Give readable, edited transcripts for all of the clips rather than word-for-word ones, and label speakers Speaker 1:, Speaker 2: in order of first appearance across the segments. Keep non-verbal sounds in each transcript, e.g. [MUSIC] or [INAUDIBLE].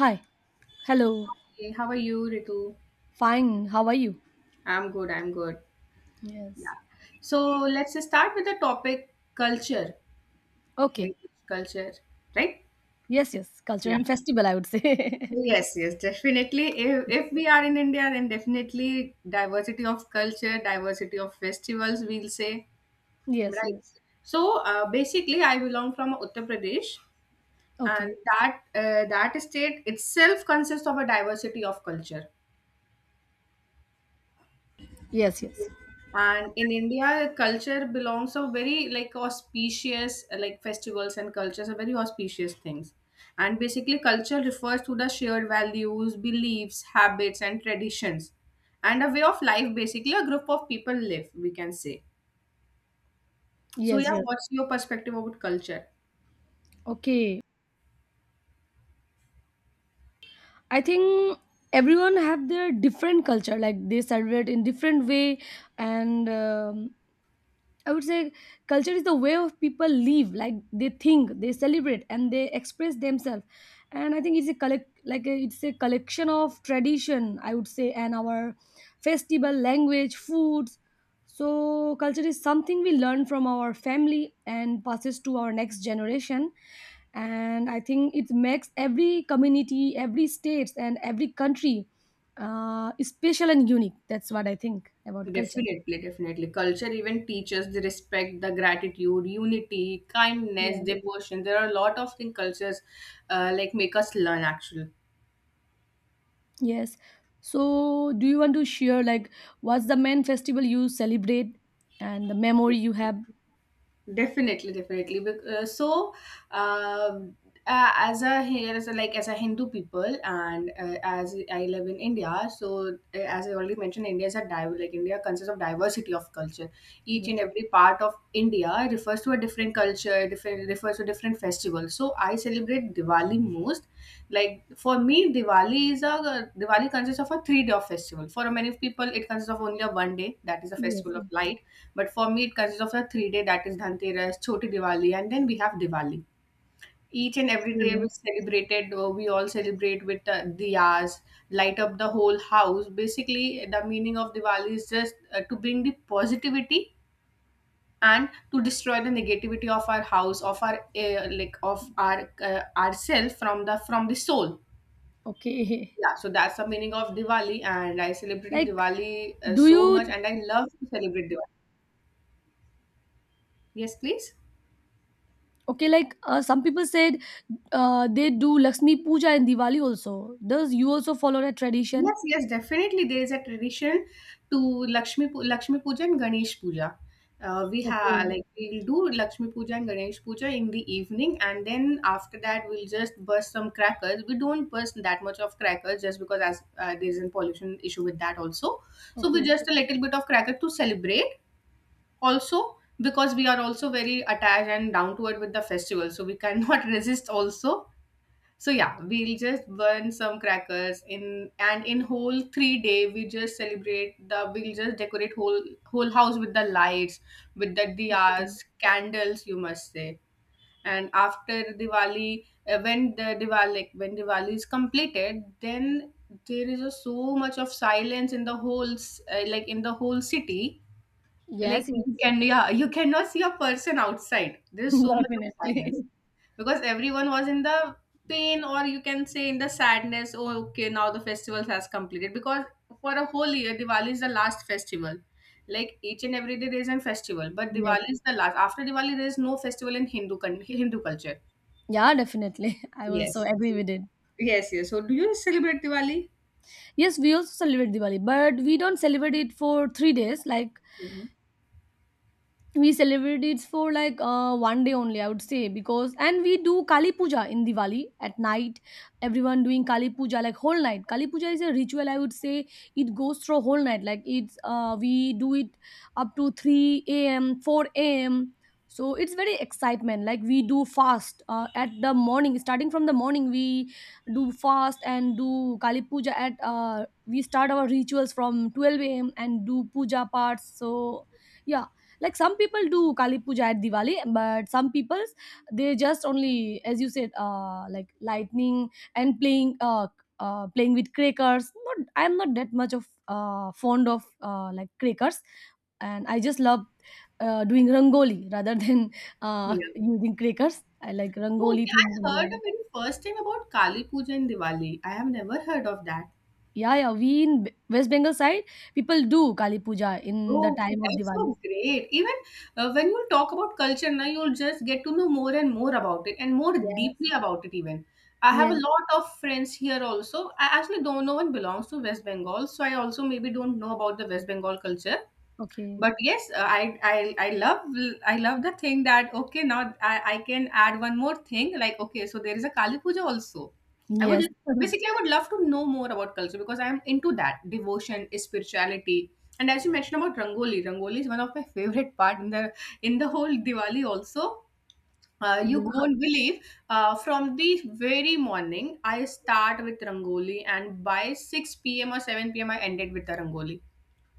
Speaker 1: Hi. Hello.
Speaker 2: Hey, how are you, Ritu?
Speaker 1: Fine. How are you?
Speaker 2: I'm good, I'm good.
Speaker 1: Yes.
Speaker 2: Yeah. So let's start with the topic culture,
Speaker 1: Okay.
Speaker 2: heritage culture, right?
Speaker 1: Yes, yes. Culture
Speaker 2: Yeah.
Speaker 1: and festival, I would say.
Speaker 2: Yes, yes, definitely. If we are in India, then definitely diversity of culture, diversity of festivals, we'll say.
Speaker 1: [LAUGHS] Yes,
Speaker 2: Right.
Speaker 1: yes.
Speaker 2: So basically, I belong from Uttar Pradesh, and
Speaker 1: Okay.
Speaker 2: that state itself consists of a diversity of culture.
Speaker 1: Yes,
Speaker 2: So,
Speaker 1: yes.
Speaker 2: and in India, culture belongs to very like auspicious, like festivals and cultures are very auspicious things. And basically, culture refers to the shared values, beliefs, habits, and traditions, and a way of life. Basically, a group of people live. We can say. So,
Speaker 1: Yes,
Speaker 2: yeah,
Speaker 1: yes.
Speaker 2: what's your perspective about culture?
Speaker 1: Okay. I think everyone have their different culture like they celebrate in different way and I would say culture is the way of people live, like they think, they celebrate, and they express themselves. And I think it's a collect, like a, it's a collection of tradition, I would say, and our festival, language, foods. So culture is something we learn from our family and passes to our next generation. And I think it makes every community, every state, and every country special and unique. That's what I think about culture.
Speaker 2: Definitely, definitely. Culture even teaches the respect, the gratitude, unity, kindness,
Speaker 1: Yeah.
Speaker 2: devotion. There are a lot of things cultures like make us learn actually.
Speaker 1: Yes. So, do you want to share like what's the main festival you celebrate and the memory you have?
Speaker 2: Definitely, definitely. Um, as a here as a, like as a Hindu people, and as I live in India, so as I already mentioned, India is a like India consists of diversity of culture. Each and
Speaker 1: Yes.
Speaker 2: every part of India refers to a different culture, different refers to different festivals. So I celebrate Diwali most. Like for me, Diwali consists of a 3 day of festival. For many people, it consists of only a one day that is the
Speaker 1: Yes.
Speaker 2: festival of
Speaker 1: Yes.
Speaker 2: light, but for me, it consists of a 3 day that is Dhanteras, Choti Diwali, and then we have Diwali. Each and every day
Speaker 1: Yeah.
Speaker 2: we celebrated, We all celebrate with diyas, light up the whole house. Basically, the meaning of Diwali is just to bring the positivity and to destroy the negativity of our house, of our like of ourself from the soul.
Speaker 1: Okay. [LAUGHS]
Speaker 2: Yeah, so that's the meaning of Diwali, and I celebrated
Speaker 1: Like,
Speaker 2: Diwali
Speaker 1: do
Speaker 2: so much,
Speaker 1: you?
Speaker 2: and I love to celebrate Diwali. Yes, please.
Speaker 1: Okay, like some people said they do Lakshmi Puja and Diwali also. Does you also follow that tradition?
Speaker 2: Yes, yes, definitely. There is a tradition to Lakshmi Puja and Ganesh Puja. We have
Speaker 1: Okay.
Speaker 2: like we'll do Lakshmi Puja and Ganesh Puja in the evening, and then after that we'll just burst some crackers. We don't burst that much of crackers just because as there is a pollution issue with that also. So we
Speaker 1: Okay.
Speaker 2: just a little bit of cracker to celebrate also because we are also very attached and down to it with the festival, so we cannot [LAUGHS] resist also. So yeah, we'll just burn some crackers in and in whole 3 day we just celebrate the we'll just decorate whole house with the lights, with the
Speaker 1: Okay.
Speaker 2: diyas, candles you must say. And after Diwali, when the Diwali like, when Diwali is completed, then there is a so much of silence in the whole like in the whole city.
Speaker 1: Yes.
Speaker 2: Like
Speaker 1: Yes.
Speaker 2: you can yeah you cannot see a person outside. There's so
Speaker 1: [LAUGHS]
Speaker 2: much of silence
Speaker 1: Definitely.
Speaker 2: because everyone was in the pain or you can say in the sadness, oh okay now the festival has completed because for a whole year Diwali is the last festival. Like each and every day there is a festival but
Speaker 1: Yes.
Speaker 2: Diwali is the last. After Diwali there is no festival in Hindu Hindu culture.
Speaker 1: Yeah, definitely. [LAUGHS] I also
Speaker 2: Yes,
Speaker 1: agree with it.
Speaker 2: yes, yes, so do you celebrate Diwali?
Speaker 1: Yes, we also celebrate Diwali, but we don't celebrate it for 3 days. Like
Speaker 2: Mhm.
Speaker 1: we celebrate it for like one day only I would say, because and we do Kali Puja in Diwali at night. Everyone doing Kali Puja like whole night. Kali Puja is a ritual, I would say. It goes through whole night. Like it's we do it up to 3 a.m., 4 a.m. So it's very excitement. Like we do fast at the morning, starting from the morning we do fast and do Kali Puja at we start our rituals from 12 a.m. and do puja parts. So yeah, like some people do Kali Puja at Diwali, but some people they just only, as you said, like lightning and playing, playing with crackers. Not, I'm not that much of fond of like crackers, and I just love doing rangoli rather [LAUGHS] than
Speaker 2: Yeah,
Speaker 1: using crackers. I like rangoli
Speaker 2: okay,
Speaker 1: things in
Speaker 2: I heard
Speaker 1: Diwali.
Speaker 2: of it first time about Kali Puja and Diwali, I have never heard of that.
Speaker 1: Yeah, yeah. We in West Bengal side, people do Kali Puja in the
Speaker 2: Oh, okay,
Speaker 1: time of
Speaker 2: that's
Speaker 1: Diwali.
Speaker 2: so great. Even when you talk about culture, now you'll just get to know more and more about it and more
Speaker 1: Yes.
Speaker 2: deeply about it, even. I have a
Speaker 1: Yes.
Speaker 2: lot of friends here also. I actually don't know one belongs to West Bengal, so I also maybe don't know about the West Bengal culture,
Speaker 1: Okay.
Speaker 2: but yes, I love I love the thing that okay now I can add one more thing like okay so there is a Kali Puja also. i would
Speaker 1: Yes. [LAUGHS]
Speaker 2: basically i would love to know more about culture because I am into that devotion spirituality. And as you mentioned about rangoli, rangoli is one of my [LAUGHS] favorite part in the whole Diwali also. You
Speaker 1: Yeah.
Speaker 2: won't believe, from the very morning I start with rangoli and by 6 p.m. or 7 p.m. I ended with the rangoli.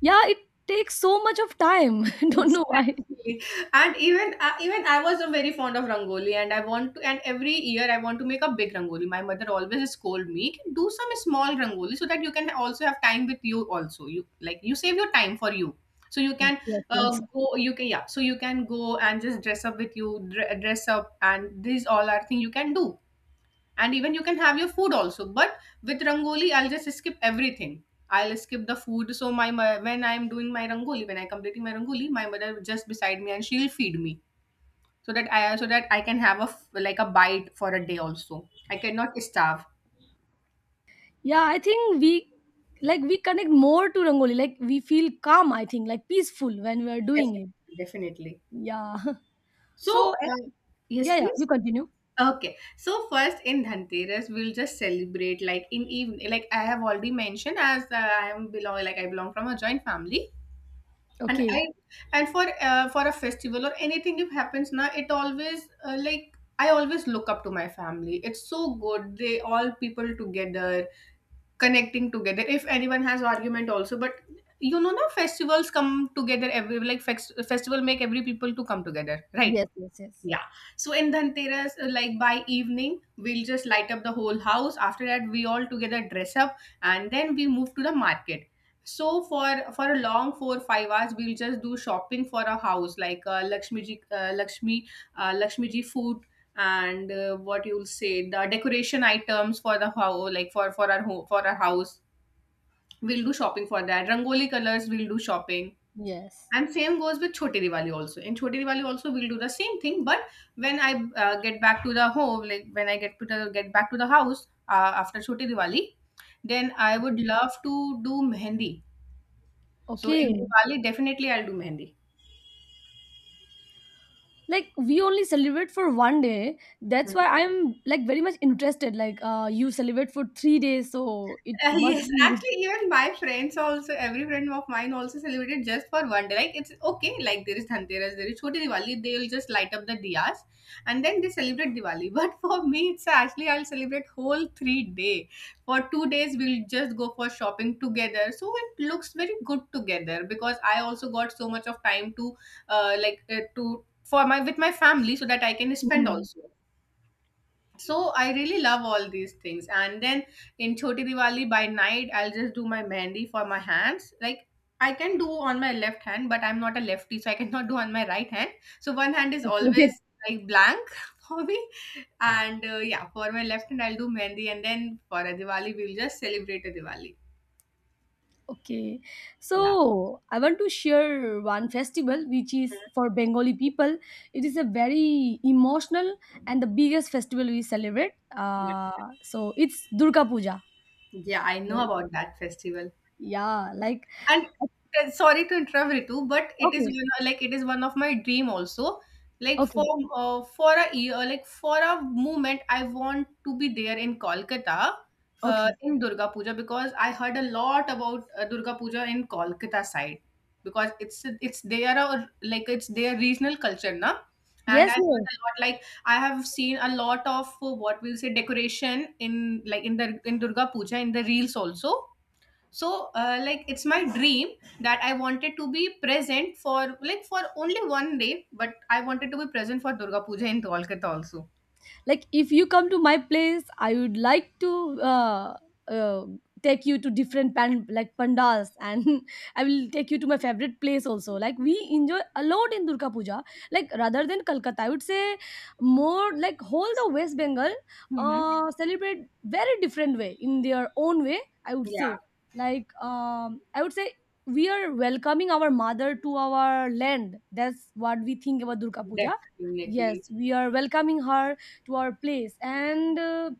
Speaker 1: Yeah, it takes so much of time. [LAUGHS] I don't know why.
Speaker 2: Exactly. And even even I was a very fond of rangoli, and I want to. And every year I want to make a big rangoli. My mother always scold me, "Can do some small rangoli so that you can also have time with you. Also, you like you save your time for you, so you can
Speaker 1: Yes, yes.
Speaker 2: go. You can yeah. So you can go and just dress up with you, dress up, and these all are things you can do and even you can have your food also, but with rangoli I'll just skip everything. I'll skip the food, so my when I'm doing my rangoli, when I completing my rangoli my mother will just beside me and she'll feed me so that I can have a like a bite for a day also, I cannot starve.
Speaker 1: Yeah, I think we connect more to rangoli. Like we feel calm, I think, like peaceful when we are doing it.
Speaker 2: Definitely, definitely.
Speaker 1: Yeah. [LAUGHS] So
Speaker 2: So yes,
Speaker 1: yeah, yeah, you
Speaker 2: please.
Speaker 1: continue.
Speaker 2: Okay, so first in Dhanteras, we'll just celebrate like in evening. Like I have already mentioned, as I am belong like I belong from a joint family, and i
Speaker 1: Okay.
Speaker 2: and for a festival or anything if happens now it always like I always look up to my family, it's so good they all people together connecting together if anyone has argument also but you know now festivals come together, every like festival make every people to come together, right?
Speaker 1: Yes, yes, yes.
Speaker 2: Yeah. So in Dhanteras, like by evening, we'll just light up the whole house. After that, we all together dress up and then we move to the market. So for a long 4 5 hours, we'll just do shopping for a house like Lakshmi ji food and what you'll say the decoration items for the house like for our home for our house. We'll do shopping for that. Rangoli colors, we'll do shopping.
Speaker 1: Yes.
Speaker 2: And same goes with Choti Diwali also. In Choti Diwali also we'll do the same thing, but when I get back to the home, like when I get to the get back to the house after Choti Diwali, then I would
Speaker 1: Okay.
Speaker 2: love to do mehendi. So in
Speaker 1: Okay.
Speaker 2: Diwali, definitely I'll do mehendi.
Speaker 1: Like we only celebrate for one day. That's why I'm like very much interested. Like you celebrate for 3 days, so
Speaker 2: [LAUGHS]
Speaker 1: it must
Speaker 2: Yes,
Speaker 1: be.
Speaker 2: actually, even my friends also, every friend of mine also celebrated just for one day. Like, it's okay, like, there is Dhanteras, there is Choti Diwali, they will just light up the diyas and then they celebrate Diwali. [LAUGHS] But for me, it's actually, I'll celebrate whole 3 day. For 2 days, we'll just go for shopping together. So it looks very good together because I also got so much of time to, for my, with my family so that I can spend
Speaker 1: Hmm.
Speaker 2: also. So I really love all these things. And then in Choti Diwali by night, I'll just do my mehndi for my hands. Like I can do on my left hand, but I'm not a lefty, so I cannot do on my right hand. So one hand is
Speaker 1: Okay.
Speaker 2: always
Speaker 1: [LAUGHS]
Speaker 2: like blank [LAUGHS] for me. And yeah, for my left hand, I'll do mehndi. And then for a Diwali, we'll just celebrate a Diwali.
Speaker 1: Okay,
Speaker 2: Yeah.
Speaker 1: so I want to share one festival which is
Speaker 2: Mhm.
Speaker 1: for Bengali people. It is a very emotional and the biggest festival we celebrate.
Speaker 2: Yeah.
Speaker 1: Uh, so it's Durga Puja.
Speaker 2: Yeah, I know
Speaker 1: Right.
Speaker 2: about that festival.
Speaker 1: Yeah, like
Speaker 2: And sorry to interrupt, Ritu, but it is
Speaker 1: okay,
Speaker 2: one, like it is one of my dream also. Like
Speaker 1: okay,
Speaker 2: for a year, like for a moment, I want to be there in Kolkata,
Speaker 1: okay.
Speaker 2: in Durga Puja because I heard a lot about Durga Puja in Kolkata side because it's their like it's their regional culture, na. And I
Speaker 1: Yes,
Speaker 2: heard
Speaker 1: yes.
Speaker 2: a lot. Like I have seen a lot of what we'll say decoration in like in the in Durga Puja in the reels also. So like it's my dream that I wanted to be present for like for only one day, but I wanted to be present for Durga Puja in Kolkata also.
Speaker 1: Like if you come to my place I would like to uh, uh, take you to different like pandals, and [LAUGHS] I will take you to my favorite place also. Like we enjoy a lot in Durga Puja, like rather than Kolkata I would say more like whole the West Bengal
Speaker 2: Hmm,
Speaker 1: celebrate very different way in their own way, I would say.
Speaker 2: yeah,
Speaker 1: Like I would say we are welcoming our mother to our land. That's what we think about Durga Puja.
Speaker 2: definitely.
Speaker 1: Yes, we are welcoming her to our place. And uh,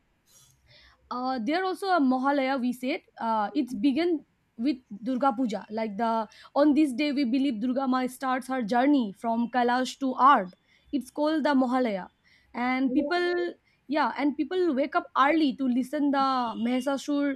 Speaker 1: uh, there also a Mahalaya we said. It's began with Durga Puja. Like the on this day we believe Durga Ma starts her journey from Kailash to Ard. It's called the Mahalaya. And
Speaker 2: So,
Speaker 1: people, yeah, and people wake up early to listen the Mahasasur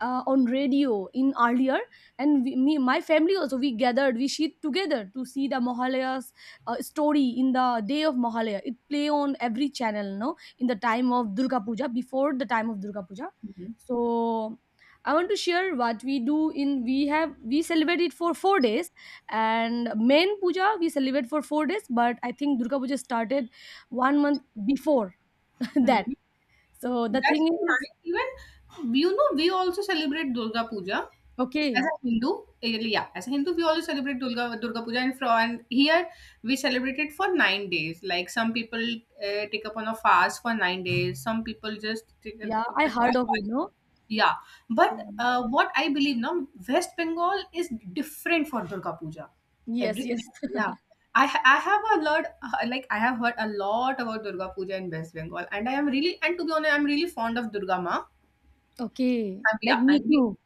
Speaker 1: on radio in earlier. And we, me my family also, we gathered, we sit together to see the Mahalaya's story in the day of Mahalaya. It play on every channel, no, in the time of Durga Puja, before the time of Durga Puja.
Speaker 2: hmm.
Speaker 1: So I want to share what we do in we have we celebrate it for 4 days, and main puja we celebrate for 4 days, but I think Durga Puja started one month before [LAUGHS] that.
Speaker 2: Mm-hmm.
Speaker 1: So the
Speaker 2: That's
Speaker 1: thing
Speaker 2: so
Speaker 1: is
Speaker 2: nice. Even you know, we also celebrate Durga Puja as
Speaker 1: okay,
Speaker 2: a Hindu. Yeah, as a Hindu, we also celebrate Durga Puja, and from and here we celebrate it for 9 days. Like some people take up on a fast for 9 days. Some people just take,
Speaker 1: yeah,
Speaker 2: took up
Speaker 1: I
Speaker 2: the
Speaker 1: heard
Speaker 2: fast.
Speaker 1: of it, no?
Speaker 2: Yeah, but
Speaker 1: Um,
Speaker 2: what I believe now, West Bengal is different for Durga Puja.
Speaker 1: yes,
Speaker 2: Every
Speaker 1: yes. [LAUGHS]
Speaker 2: yeah, I have a lot like I have heard a lot about Durga Puja in West Bengal, and I am really and to be honest, I'm really fond of Durga Ma.
Speaker 1: Okay,
Speaker 2: I'm, yeah,
Speaker 1: like me
Speaker 2: I'm really
Speaker 1: too.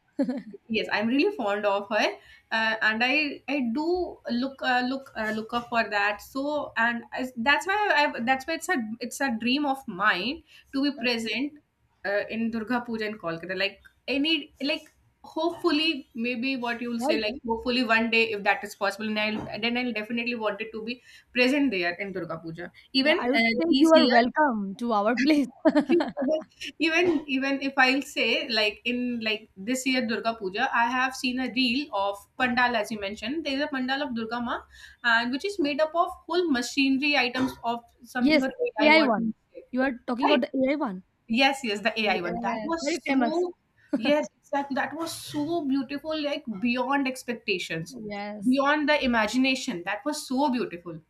Speaker 2: yes, I'm really fond of her. And I do look up for that. So and I, that's why i that's why it's a dream of mine to be
Speaker 1: Okay.
Speaker 2: present in Durga Puja in Kolkata, like any, like hopefully, maybe what you will
Speaker 1: Yeah,
Speaker 2: say, like hopefully one day, if that is possible, and I'll then I'll definitely want it to be present there in Durga Puja,
Speaker 1: yeah,
Speaker 2: even
Speaker 1: I would say
Speaker 2: this
Speaker 1: you are
Speaker 2: year.
Speaker 1: welcome to our place.
Speaker 2: Thank you so much. Even if I'll say, like in like this year Durga Puja, I have seen a reel of pandal, as you mentioned. There is a pandal of Durga Ma, and which is made up of whole machinery items of something,
Speaker 1: Yes,
Speaker 2: or AI,
Speaker 1: AI
Speaker 2: what you
Speaker 1: one.
Speaker 2: say.
Speaker 1: You are talking about
Speaker 2: Right?
Speaker 1: the AI one.
Speaker 2: Yes, yes, the AI one. That
Speaker 1: Yes,
Speaker 2: was
Speaker 1: very famous.
Speaker 2: so, yes, exactly. That was so beautiful, like beyond expectations,
Speaker 1: Yes.
Speaker 2: beyond the imagination. That was so beautiful.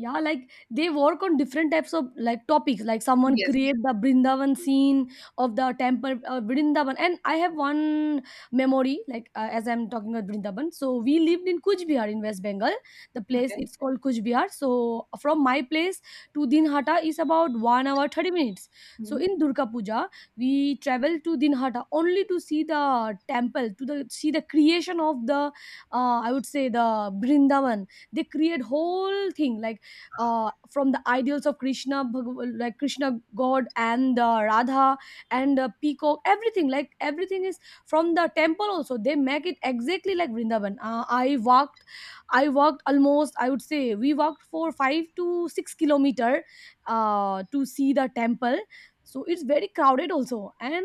Speaker 1: Yeah, like they work on different types of like topics. Like someone
Speaker 2: Yes.
Speaker 1: create the Brindavan scene of the temple Brindavan, and I have one memory. Like as I'm talking about Brindavan, so we lived in Kuch Bihar in West Bengal. The place
Speaker 2: Okay.
Speaker 1: it's called Kuch Bihar. So from my place to Dinhata is about 1 hour 30 minutes. So
Speaker 2: Mm-hmm.
Speaker 1: in Durga Puja, we travel to Dinhata only to see the temple, to the see the creation of the, I would say the Brindavan. They create whole thing like from the ideals of Krishna like Krishna god and Radha and peacock, everything. Like everything is from the temple also, they make it exactly like Vrindavan. Uh, I walked almost, I would say we walked for 5 to 6 kilometer to see the temple. So it's very crowded also. And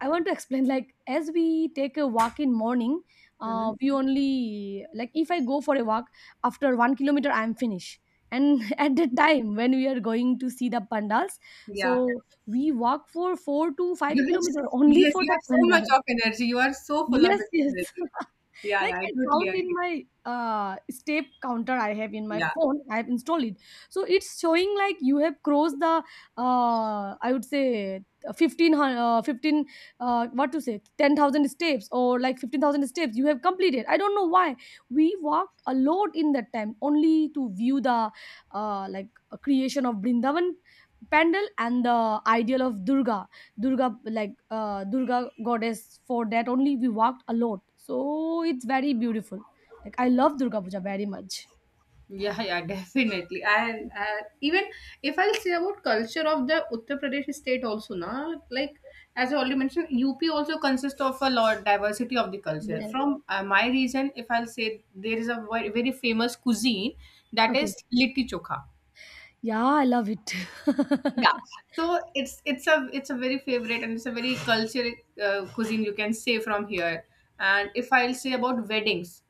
Speaker 1: I want to explain, like as we take a walk in morning,
Speaker 2: Mm-hmm.
Speaker 1: we only like, if I go for a walk after 1 kilometer, I'm finished. And [LAUGHS] at the time when we are going to see the pandals, so
Speaker 2: Yeah.
Speaker 1: we walk for four to five
Speaker 2: You have
Speaker 1: kilometer only
Speaker 2: yes,
Speaker 1: for
Speaker 2: you
Speaker 1: the
Speaker 2: have so much
Speaker 1: pandal.
Speaker 2: of energy. You are so full of
Speaker 1: Yes, yes,
Speaker 2: energy. Yeah,
Speaker 1: like
Speaker 2: I
Speaker 1: I
Speaker 2: totally
Speaker 1: count in
Speaker 2: agree.
Speaker 1: my step counter. I have in my
Speaker 2: Yeah.
Speaker 1: phone, I have installed it, so it's showing like you have crossed the I would say 15 15 what to say 10,000 steps or like 15,000 steps you have completed. I don't know why we walked a lot in that time only to view the creation of Brindavan pandal and the ideal of Durga, like Durga goddess. For that only we walked a lot. So it's very beautiful. Like I love Durga Puja very much.
Speaker 2: Yeah, yeah, [LAUGHS] definitely. And even if I'll say about culture of the Uttar Pradesh state also, na, like as I already mentioned, UP also consists of a lot diversity of the culture.
Speaker 1: Yes.
Speaker 2: From my region, if I'll say, there is a very, very famous cuisine, that
Speaker 1: Okay.
Speaker 2: is litti chokha.
Speaker 1: Yeah, I love it. [LAUGHS]
Speaker 2: So it's a very favorite, and it's a very culture cuisine, you can say, from here. And if I'll say about weddings,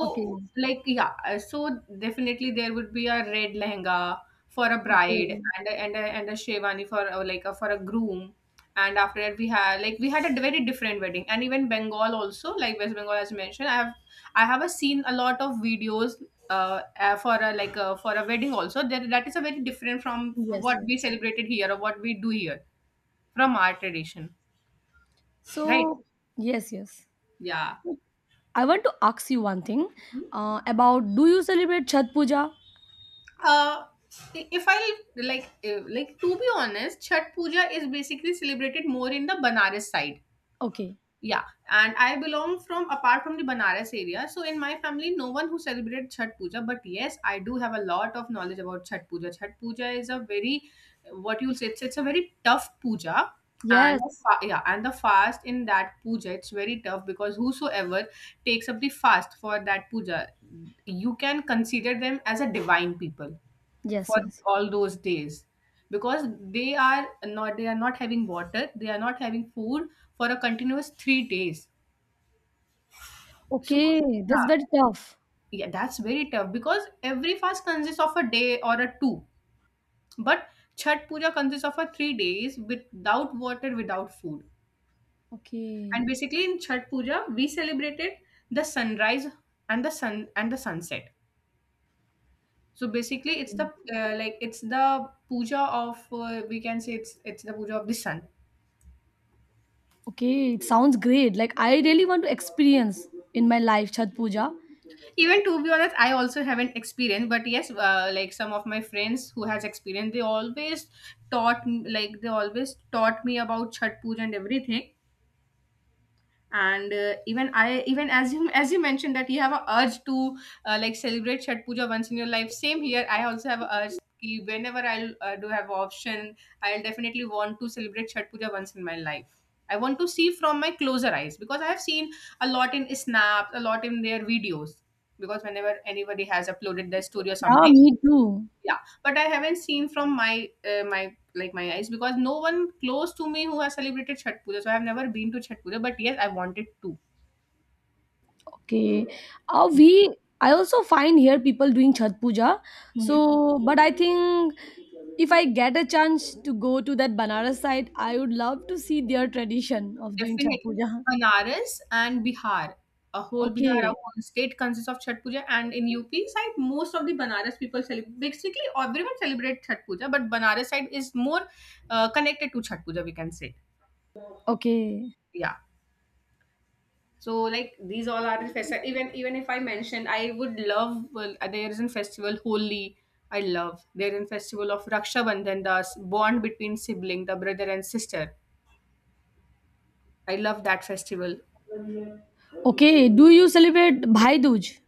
Speaker 1: Okay.
Speaker 2: like, yeah, so definitely there would be a red lehenga for a bride,
Speaker 1: Okay.
Speaker 2: and a sherwani for for a groom. And after that, we had like we had a very different wedding, and even Bengal also, like West Bengal, as mentioned, I have a seen a lot of videos for a wedding also. That is a very different from
Speaker 1: Yes,
Speaker 2: what we
Speaker 1: yes.
Speaker 2: celebrated here or what we do here from our tradition, right?
Speaker 1: So yes, yes.
Speaker 2: Yeah.
Speaker 1: I want to ask you one thing about do you celebrate Chhat Puja?
Speaker 2: Uh, if I like to be honest, Chhat Puja is basically celebrated more in the Banaras side.
Speaker 1: Okay.
Speaker 2: Yeah, and I belong from apart from the Banaras area, so in my family, no one who celebrated Chhat Puja. But yes, I do have a lot of knowledge about Chhat Puja. Chhat Puja is a very, what you say, it's a very tough puja. And
Speaker 1: Yes.
Speaker 2: yeah, and the fast in that puja, it's very tough because whosoever takes up the fast for that puja, you can consider them as a divine people
Speaker 1: Yes,
Speaker 2: for
Speaker 1: yes.
Speaker 2: all those days, because they are not having water, they are not having food for a continuous three days. So
Speaker 1: Okay. That's
Speaker 2: yeah,
Speaker 1: very tough.
Speaker 2: yeah, that's very tough, because every fast consists of a day or a two, but Chhat Puja consists of a three days without water, without food.
Speaker 1: Okay.
Speaker 2: And basically in Chhat Puja we celebrated the sunrise, and the sunset. So basically it's the it's the puja of, we can say, it's the puja of the sun.
Speaker 1: Okay, it sounds great. Like I really want to experience in my life Chhat Puja.
Speaker 2: Even to be honest, I also haven't experienced, but yes, like some of my friends who has experienced, they always like they always taught me about Chhat Puja and everything. And even I even as you mentioned that you have a urge to like celebrate Chhat Puja once in your life, same here, I also have a urge ki whenever I do have option, I'll definitely want to celebrate Chhat Puja once in my life. I want to see from my closer eyes, because I have seen a lot in snaps, a lot in their videos, because whenever anybody has uploaded their story or
Speaker 1: Yeah,
Speaker 2: something.
Speaker 1: me too.
Speaker 2: Yeah, but I haven't seen from my like my eyes, because no one close to me who has celebrated Chhat Puja. So I have never been to Chhat Puja, but yes, I wanted to.
Speaker 1: Okay. We I also find here people doing Chhat Puja.
Speaker 2: Mhm.
Speaker 1: So, but I think if I get a chance to go to that Banaras side, I would love to see their tradition of doing Chhat
Speaker 2: Definitely.
Speaker 1: Puja. [LAUGHS]
Speaker 2: Banaras and Bihar. A whole Bihar,
Speaker 1: Okay.
Speaker 2: a whole state consists of Chhat Puja, and in UP side, most of the Banaras people celebrate. Basically, everyone celebrates Chhat Puja, but Banaras side is more connected to Chhat Puja, we can say,
Speaker 1: Okay.
Speaker 2: yeah. So, like these all are the festival. Even if I mentioned, I would love. Well, there is a festival Holi. I love there is a festival of Raksha Bandhan, the bond between sibling, the brother and sister. I love that festival.
Speaker 1: Okay. Do you celebrate Bhai Dooj?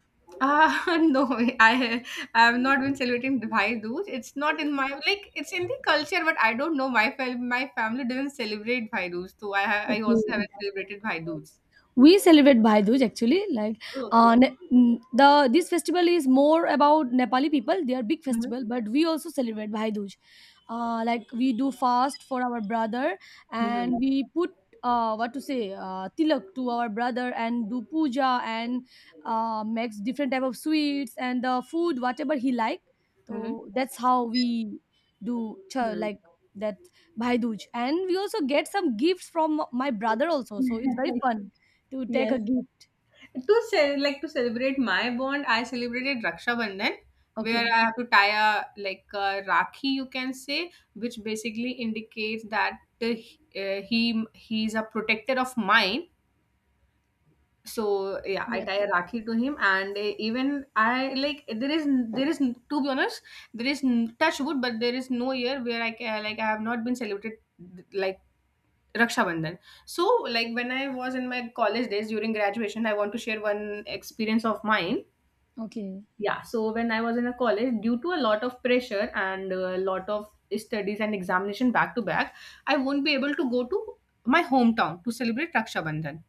Speaker 2: [LAUGHS] No, I have not been celebrating Bhai Dooj. It's not in my like it's in the culture, but I don't know. My family doesn't celebrate Bhai Dooj, so I
Speaker 1: Okay.
Speaker 2: also haven't celebrated Bhai Dooj.
Speaker 1: We celebrate Bhai Dooj actually, like
Speaker 2: Okay.
Speaker 1: The this festival is more about Nepali people. They are big
Speaker 2: Mm-hmm.
Speaker 1: festival, but we also celebrate Bhai Dooj. Like we do fast for our brother, and
Speaker 2: Mm-hmm.
Speaker 1: we put what to say tilak to our brother and do puja, and makes different type of sweets and the food whatever he like. So that's how we do
Speaker 2: Mm-hmm.
Speaker 1: like that Bhai Dooj. And we also get some gifts from my brother also, so it's very fun to take a
Speaker 2: Yes.
Speaker 1: gift.
Speaker 2: To say like to celebrate my bond, I celebrated Raksha Bandhan, where
Speaker 1: Okay.
Speaker 2: I have to tie a like a rakhi, you can say, which basically indicates that he he's a protector of mine. So yeah, I
Speaker 1: Yes.
Speaker 2: tie a rakhi to him. And even I like there is to be honest, touch wood, but there is no year where I can like I have not been celebrated like Raksha Bandhan. So like when I was in my college days during graduation, I want to share one experience of mine.
Speaker 1: Okay.
Speaker 2: Yeah, so when I was in a college, due to a lot of pressure and a lot of studies and examination back to back, I won't be able to go to my hometown to celebrate Raksha Bandhan.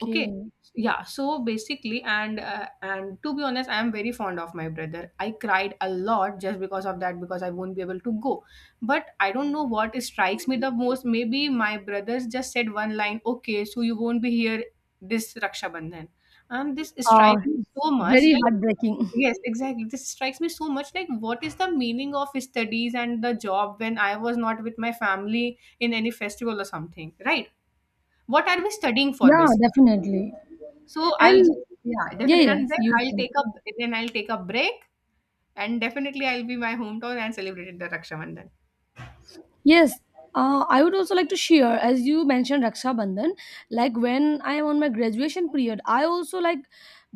Speaker 2: Okay. Yeah. So basically, and to be honest, I am very fond of my brother. I cried a lot just because of that, because I won't be able to go. But I don't know what strikes me the most. Maybe my brothers just said one line, "Okay, so you won't be here this Raksha Bandhan," and this
Speaker 1: Uh,
Speaker 2: strikes me so much.
Speaker 1: Very
Speaker 2: Like
Speaker 1: heartbreaking. [LAUGHS]
Speaker 2: yes, exactly. This strikes me so much. Like what is the meaning of studies and the job when I was not with my family in any festival or something, right? What are we studying for,
Speaker 1: Yeah,
Speaker 2: basically?
Speaker 1: definitely.
Speaker 2: So I'll
Speaker 1: And
Speaker 2: just, yeah,
Speaker 1: yeah,
Speaker 2: definitely, and
Speaker 1: yes,
Speaker 2: then
Speaker 1: you
Speaker 2: I'll
Speaker 1: can.
Speaker 2: take a, then I'll take a break, and definitely I'll be my hometown and celebrate the Raksha Bandhan.
Speaker 1: Yes, I would also like to share, as you mentioned Raksha Bandhan, like when I am on my graduation period, I also like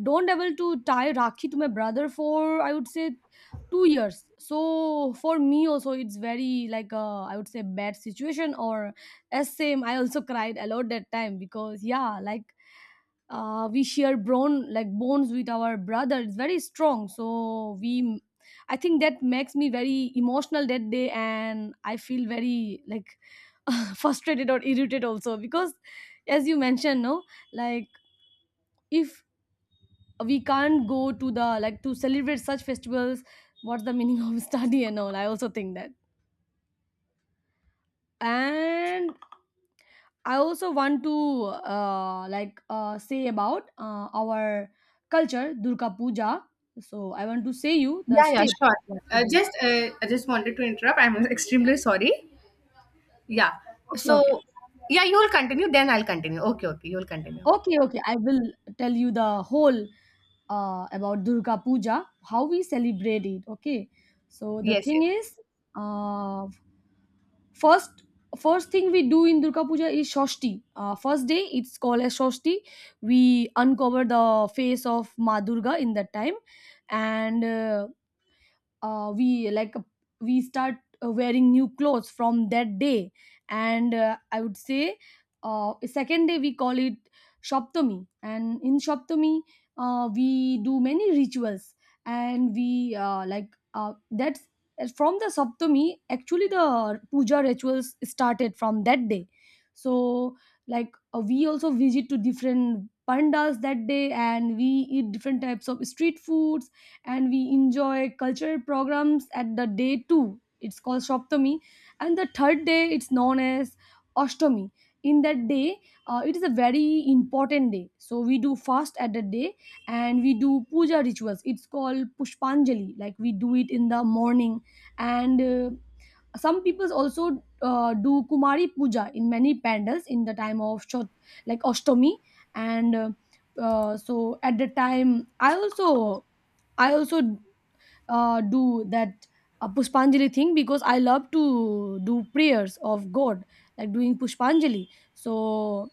Speaker 1: don't able to tie Rakhi to my brother for I would say 2 years. So for me also, it's very like I would say bad situation, or as same. I also cried a lot that time because yeah, like we share bone like bones with our brother. It's very strong, so we I think that makes me very emotional that day, and I feel very like [LAUGHS] frustrated or irritated also. Because as you mentioned no, like if we can't go to the like to celebrate such festivals, what's the meaning of [LAUGHS] study and all. I also think that. And I also want to say about our culture, Durga Puja. So I want to say you the
Speaker 2: Yeah, yeah,
Speaker 1: step
Speaker 2: sure.
Speaker 1: what we do.
Speaker 2: Just I just wanted to interrupt. I'm extremely sorry. Yeah.
Speaker 1: Okay,
Speaker 2: So
Speaker 1: okay,
Speaker 2: yeah, you will continue. Then I'll continue. Okay, okay, you will continue.
Speaker 1: okay, okay. I will tell you the whole about Durga Puja, how we celebrate it. Okay, so the
Speaker 2: Yes,
Speaker 1: thing
Speaker 2: yes.
Speaker 1: is, uh, first first thing we do in Durga Puja is Shashti. First day it's called as Shashti. We uncover the face of Ma Durga in that time and. Uh, we like we start wearing new clothes from that day, and I would say second day we call it shoptami, and in shoptami we do many rituals, and we that's from the Saptami. Actually the puja rituals started from that day. So, we also visit to different pandas that day, and we eat different types of street foods, and we enjoy cultural programs at the day two. It's called Shoptami, and the third day it's known as Ostomi. In that day, it is a very important day, so we do fast at that day, and we do puja rituals. It's called pushpanjali, like we do it in the morning. And some people also do kumari puja in many pandals in the time of Chot, like ostomi. And so at the time I also do that pushpanjali thing, because I love to do prayers of god, like doing pushpanjali. So,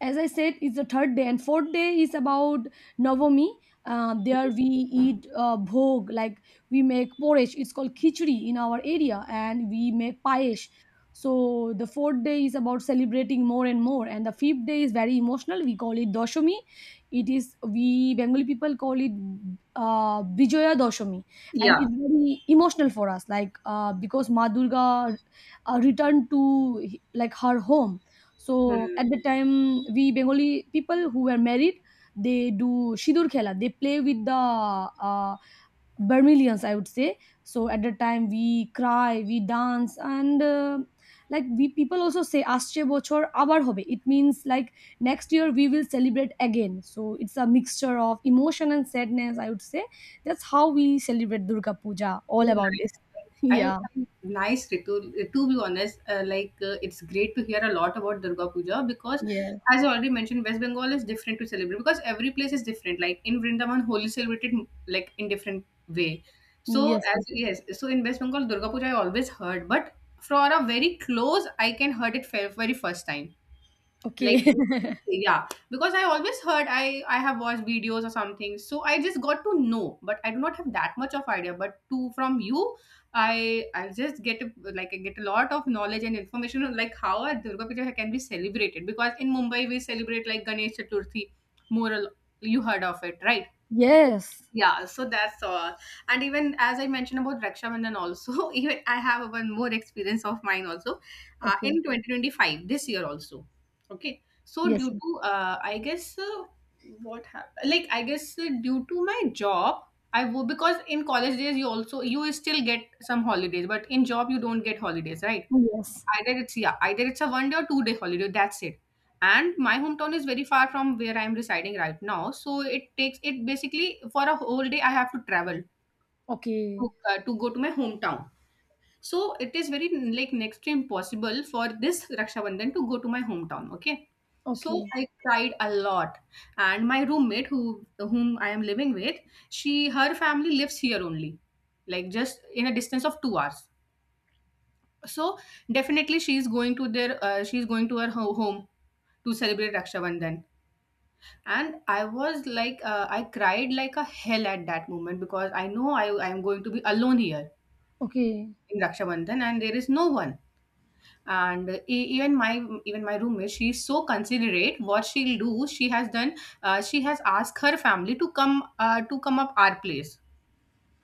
Speaker 1: as I said, it's the third day, and fourth day is about Navami. There we eat bhog, like we make porridge. It's called khichdi in our area, and we make payesh. So the fourth day is about celebrating more and more, and the fifth day is very emotional. We call it Doshami. It is, we Bengali people call it Bijoya Doshami, and
Speaker 2: Yeah.
Speaker 1: it's very emotional for us, because Ma Durga returned to, like, her home. So
Speaker 2: Hmm.
Speaker 1: at the time, we Bengali people who were married, they do Sidur Khela. They play with the Barmilians, I would say. So at the time, we cry, we dance, and we people also say Asche Bochor Abar Hobe. It means, like, next year we will celebrate again. So it's a mixture of emotion and sadness, I would say. That's how we celebrate Durga Puja, all
Speaker 2: Oh,
Speaker 1: about
Speaker 2: nice.
Speaker 1: this. [LAUGHS]
Speaker 2: I have
Speaker 1: Yeah,
Speaker 2: some nice Ritu. To be honest, it's great to hear a lot about Durga Puja because,
Speaker 1: yeah,
Speaker 2: as I already mentioned, West Bengal is different to celebrate, because every place is different. Like in Vrindavan, Holi celebrated like in different way. So
Speaker 1: yes, yes,
Speaker 2: as
Speaker 1: yes.
Speaker 2: yes, so in West Bengal, Durga Puja I always heard, but for a very close, I can heard it very first time, like
Speaker 1: Okay.
Speaker 2: you
Speaker 1: [LAUGHS]
Speaker 2: can say, yeah, because I always heard, I have watched videos or something, so I just got to know, but I do not have that much of idea, but to from you, I just get a, like I get a lot of knowledge and information on like how a Durga Puja can be celebrated, because in Mumbai we celebrate like Ganesh Chaturthi, more or you heard of it, right?
Speaker 1: Yes.
Speaker 2: Yeah, so that's all. And even as I mentioned about Raksha Bandhan also, [LAUGHS] even I have one more experience of mine also,
Speaker 1: Okay.
Speaker 2: in 2025, this year also. Okay. So
Speaker 1: Yes,
Speaker 2: due
Speaker 1: yes.
Speaker 2: to, what happened? Like, I guess due to my job, because in college days you also, you still get some holidays, but in job you don't get holidays, right?
Speaker 1: Oh, yes.
Speaker 2: Either it's yeah, either it's a one day or two-day holiday. That's it. And my hometown is very far from where I'm residing right now, so it takes it basically for a whole day. I have to travel
Speaker 1: Okay.
Speaker 2: to go to my hometown. So it is very like next to impossible for this Raksha Bandhan to go to my hometown. Okay. So
Speaker 1: Okay.
Speaker 2: I cried a lot, and my roommate, whom I am living with, she her family lives here only, like just in a distance of 2 hours. So definitely she's going to their she's going to her home to celebrate Raksha Bandhan. And I was like, I cried like a hell at that moment, because I know I am going to be alone here
Speaker 1: Okay.
Speaker 2: in Raksha Bandhan, and there is no one. And e- even my roommate, she's so considerate. What she'll do, she has done. She has asked her family to come up our place,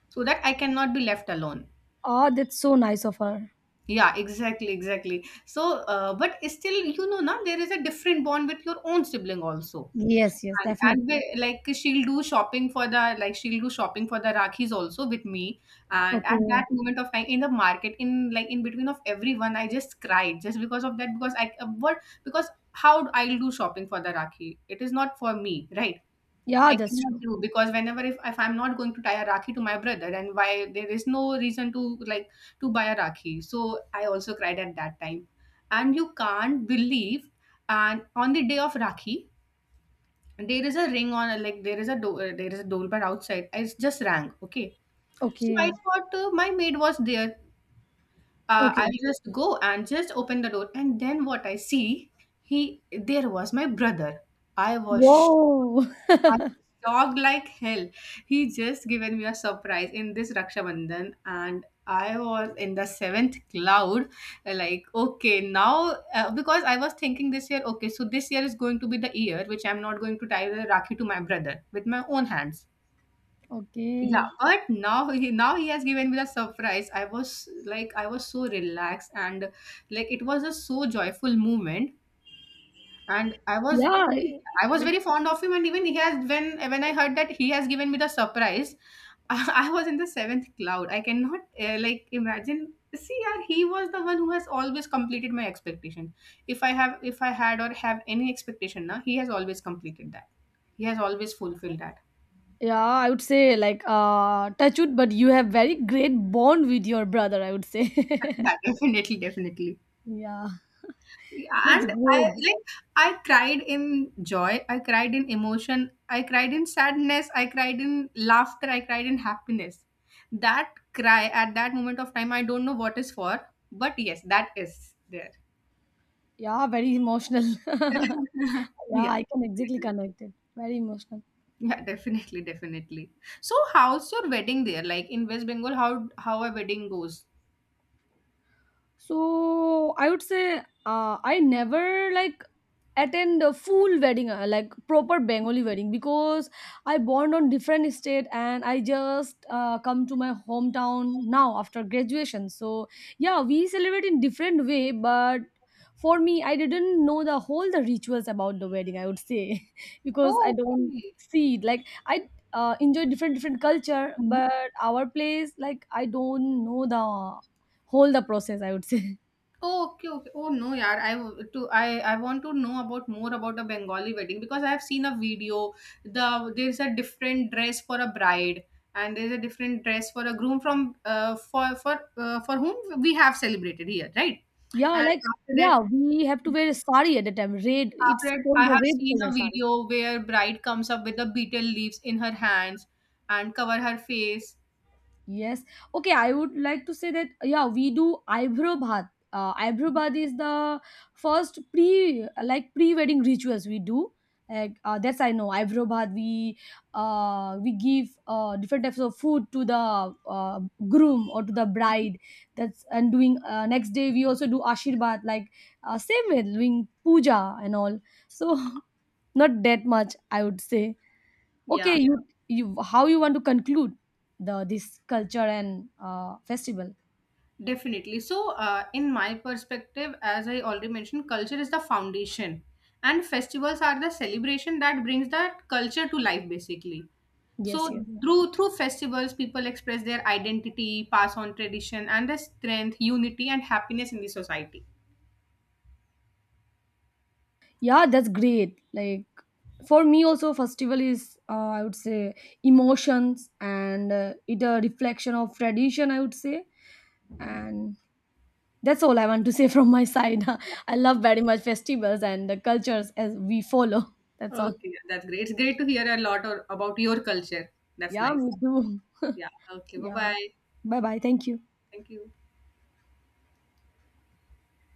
Speaker 2: so that I cannot be left alone.
Speaker 1: Ah, that's so nice of her.
Speaker 2: Yeah, exactly, exactly. But still, now there is a different bond with your own sibling also.
Speaker 1: Yes, yes,
Speaker 2: And
Speaker 1: definitely.
Speaker 2: we, like she'll do shopping for the Rakhis also with me. And at that
Speaker 1: Okay.
Speaker 2: moment of time in the market, in like in between of everyone, I just cried just because of that because I what because how I'll do shopping for the Rakhi. It is not for me, right?
Speaker 1: Yeah,
Speaker 2: I
Speaker 1: that's
Speaker 2: cannot
Speaker 1: true.
Speaker 2: do because whenever if I'm not going to tie a rakhi to my brother, then why there is no reason to to buy a rakhi. So I also cried at that time, and you can't believe. And on the day of rakhi, there is a there is a doorbell outside. It's just rang. Okay, so I
Speaker 1: Okay.
Speaker 2: thought my maid was there.
Speaker 1: Okay.
Speaker 2: I'll just go and just open the door, and then what I see, he there was my brother. I was
Speaker 1: Whoa. [LAUGHS]
Speaker 2: I shocked like hell. He just given me a surprise in this Raksha Bandhan, and I was in the seventh cloud. Like, okay, now because I was thinking this year, okay, so this year is going to be the year which I'm not going to tie the Rakhi to my brother with my own hands. Yeah,
Speaker 1: Okay.
Speaker 2: but now he has given me the surprise. I was so relaxed, and like it was a so joyful moment, and
Speaker 1: Yeah. I-
Speaker 2: I was
Speaker 1: Like,
Speaker 2: very fond of him. And even he has when I heard that he has given me the surprise, [LAUGHS] I was in the seventh cloud. I cannot like imagine. See, yeah, he was the one who has always completed my expectation. If i have if I had or have any expectation, now he has always completed that. He has always fulfilled that.
Speaker 1: yeah, I would say, like, touch wood, but you have very great bond with your brother, I would say.
Speaker 2: [LAUGHS] Yeah, definitely, definitely.
Speaker 1: [LAUGHS] Yeah. That's
Speaker 2: And I
Speaker 1: good.
Speaker 2: like I cried in joy, I cried in emotion, I cried in sadness, I cried in laughter, I cried in happiness. That cry at that moment of time, I don't know what is for, but yes, that is there.
Speaker 1: Yeah, very emotional.
Speaker 2: [LAUGHS]
Speaker 1: [LAUGHS] Yeah,
Speaker 2: Yeah.
Speaker 1: I can exactly connect it. Very emotional.
Speaker 2: Yeah, definitely, definitely. So how's your wedding there, like in west bengal, how a wedding goes.
Speaker 1: So I would say I never like attend a full wedding, like proper Bengali wedding, because I born on different state, and I just come to my hometown now after graduation. So yeah, we celebrate in different way, but for me, I didn't know the whole the rituals about the wedding, I would say, [LAUGHS] because I
Speaker 2: Oh,
Speaker 1: don't
Speaker 2: okay.
Speaker 1: see it. Like, I enjoy different different culture, but our place, like, I don't know the whole the process, I would say.
Speaker 2: Oh, okay, okay. Oh no, yeah. I want to know about more about a Bengali wedding because I have seen a video. There's a different dress for a bride and there's a different dress for a groom from for whom we have celebrated here, right?
Speaker 1: [LAUGHS] Yeah,
Speaker 2: And
Speaker 1: like,
Speaker 2: after
Speaker 1: yeah,
Speaker 2: that,
Speaker 1: we have to wear a sari at the time, red, it's
Speaker 2: After that,
Speaker 1: called
Speaker 2: I
Speaker 1: the
Speaker 2: have
Speaker 1: red
Speaker 2: seen
Speaker 1: color
Speaker 2: a
Speaker 1: sari.
Speaker 2: video where bride comes up with the beetle leaves in her hands and cover her face.
Speaker 1: Yes. Okay, I would like to say that, yeah, we do eyebrow bath. Eyebrow bath is the first pre, like, pre-wedding rituals we do. That's, I know eyebrow bath. We give different types of food to the groom or to the bride. That's, and doing next day we also do ashirbat, like, same way doing puja and all. So, [LAUGHS] not that much, I would say. Okay,
Speaker 2: Yeah.
Speaker 1: you how you want to conclude the this culture and festival?
Speaker 2: Definitely. So, in my perspective, as I already mentioned, culture is the foundation, and festivals are the celebration that brings that culture to life, basically.
Speaker 1: Yes,
Speaker 2: So,
Speaker 1: yeah,
Speaker 2: through festivals, people express their identity, pass on tradition, and the strength, unity, and happiness in the society.
Speaker 1: yeah, that's great. Like, for me also, festival is, I would say, emotions, and it a reflection of tradition, I would say, and that's all I want to say [LAUGHS] from my side. [LAUGHS] I love very much festivals and the cultures as we follow. [LAUGHS] That's all.
Speaker 2: Okay, that's great. It's great to hear a lot or, about your culture. That's
Speaker 1: Yeah,
Speaker 2: nice.
Speaker 1: me too. [LAUGHS]
Speaker 2: Yeah. Okay. Bye
Speaker 1: Yeah.
Speaker 2: bye.
Speaker 1: Bye bye. Thank you.
Speaker 2: Thank you.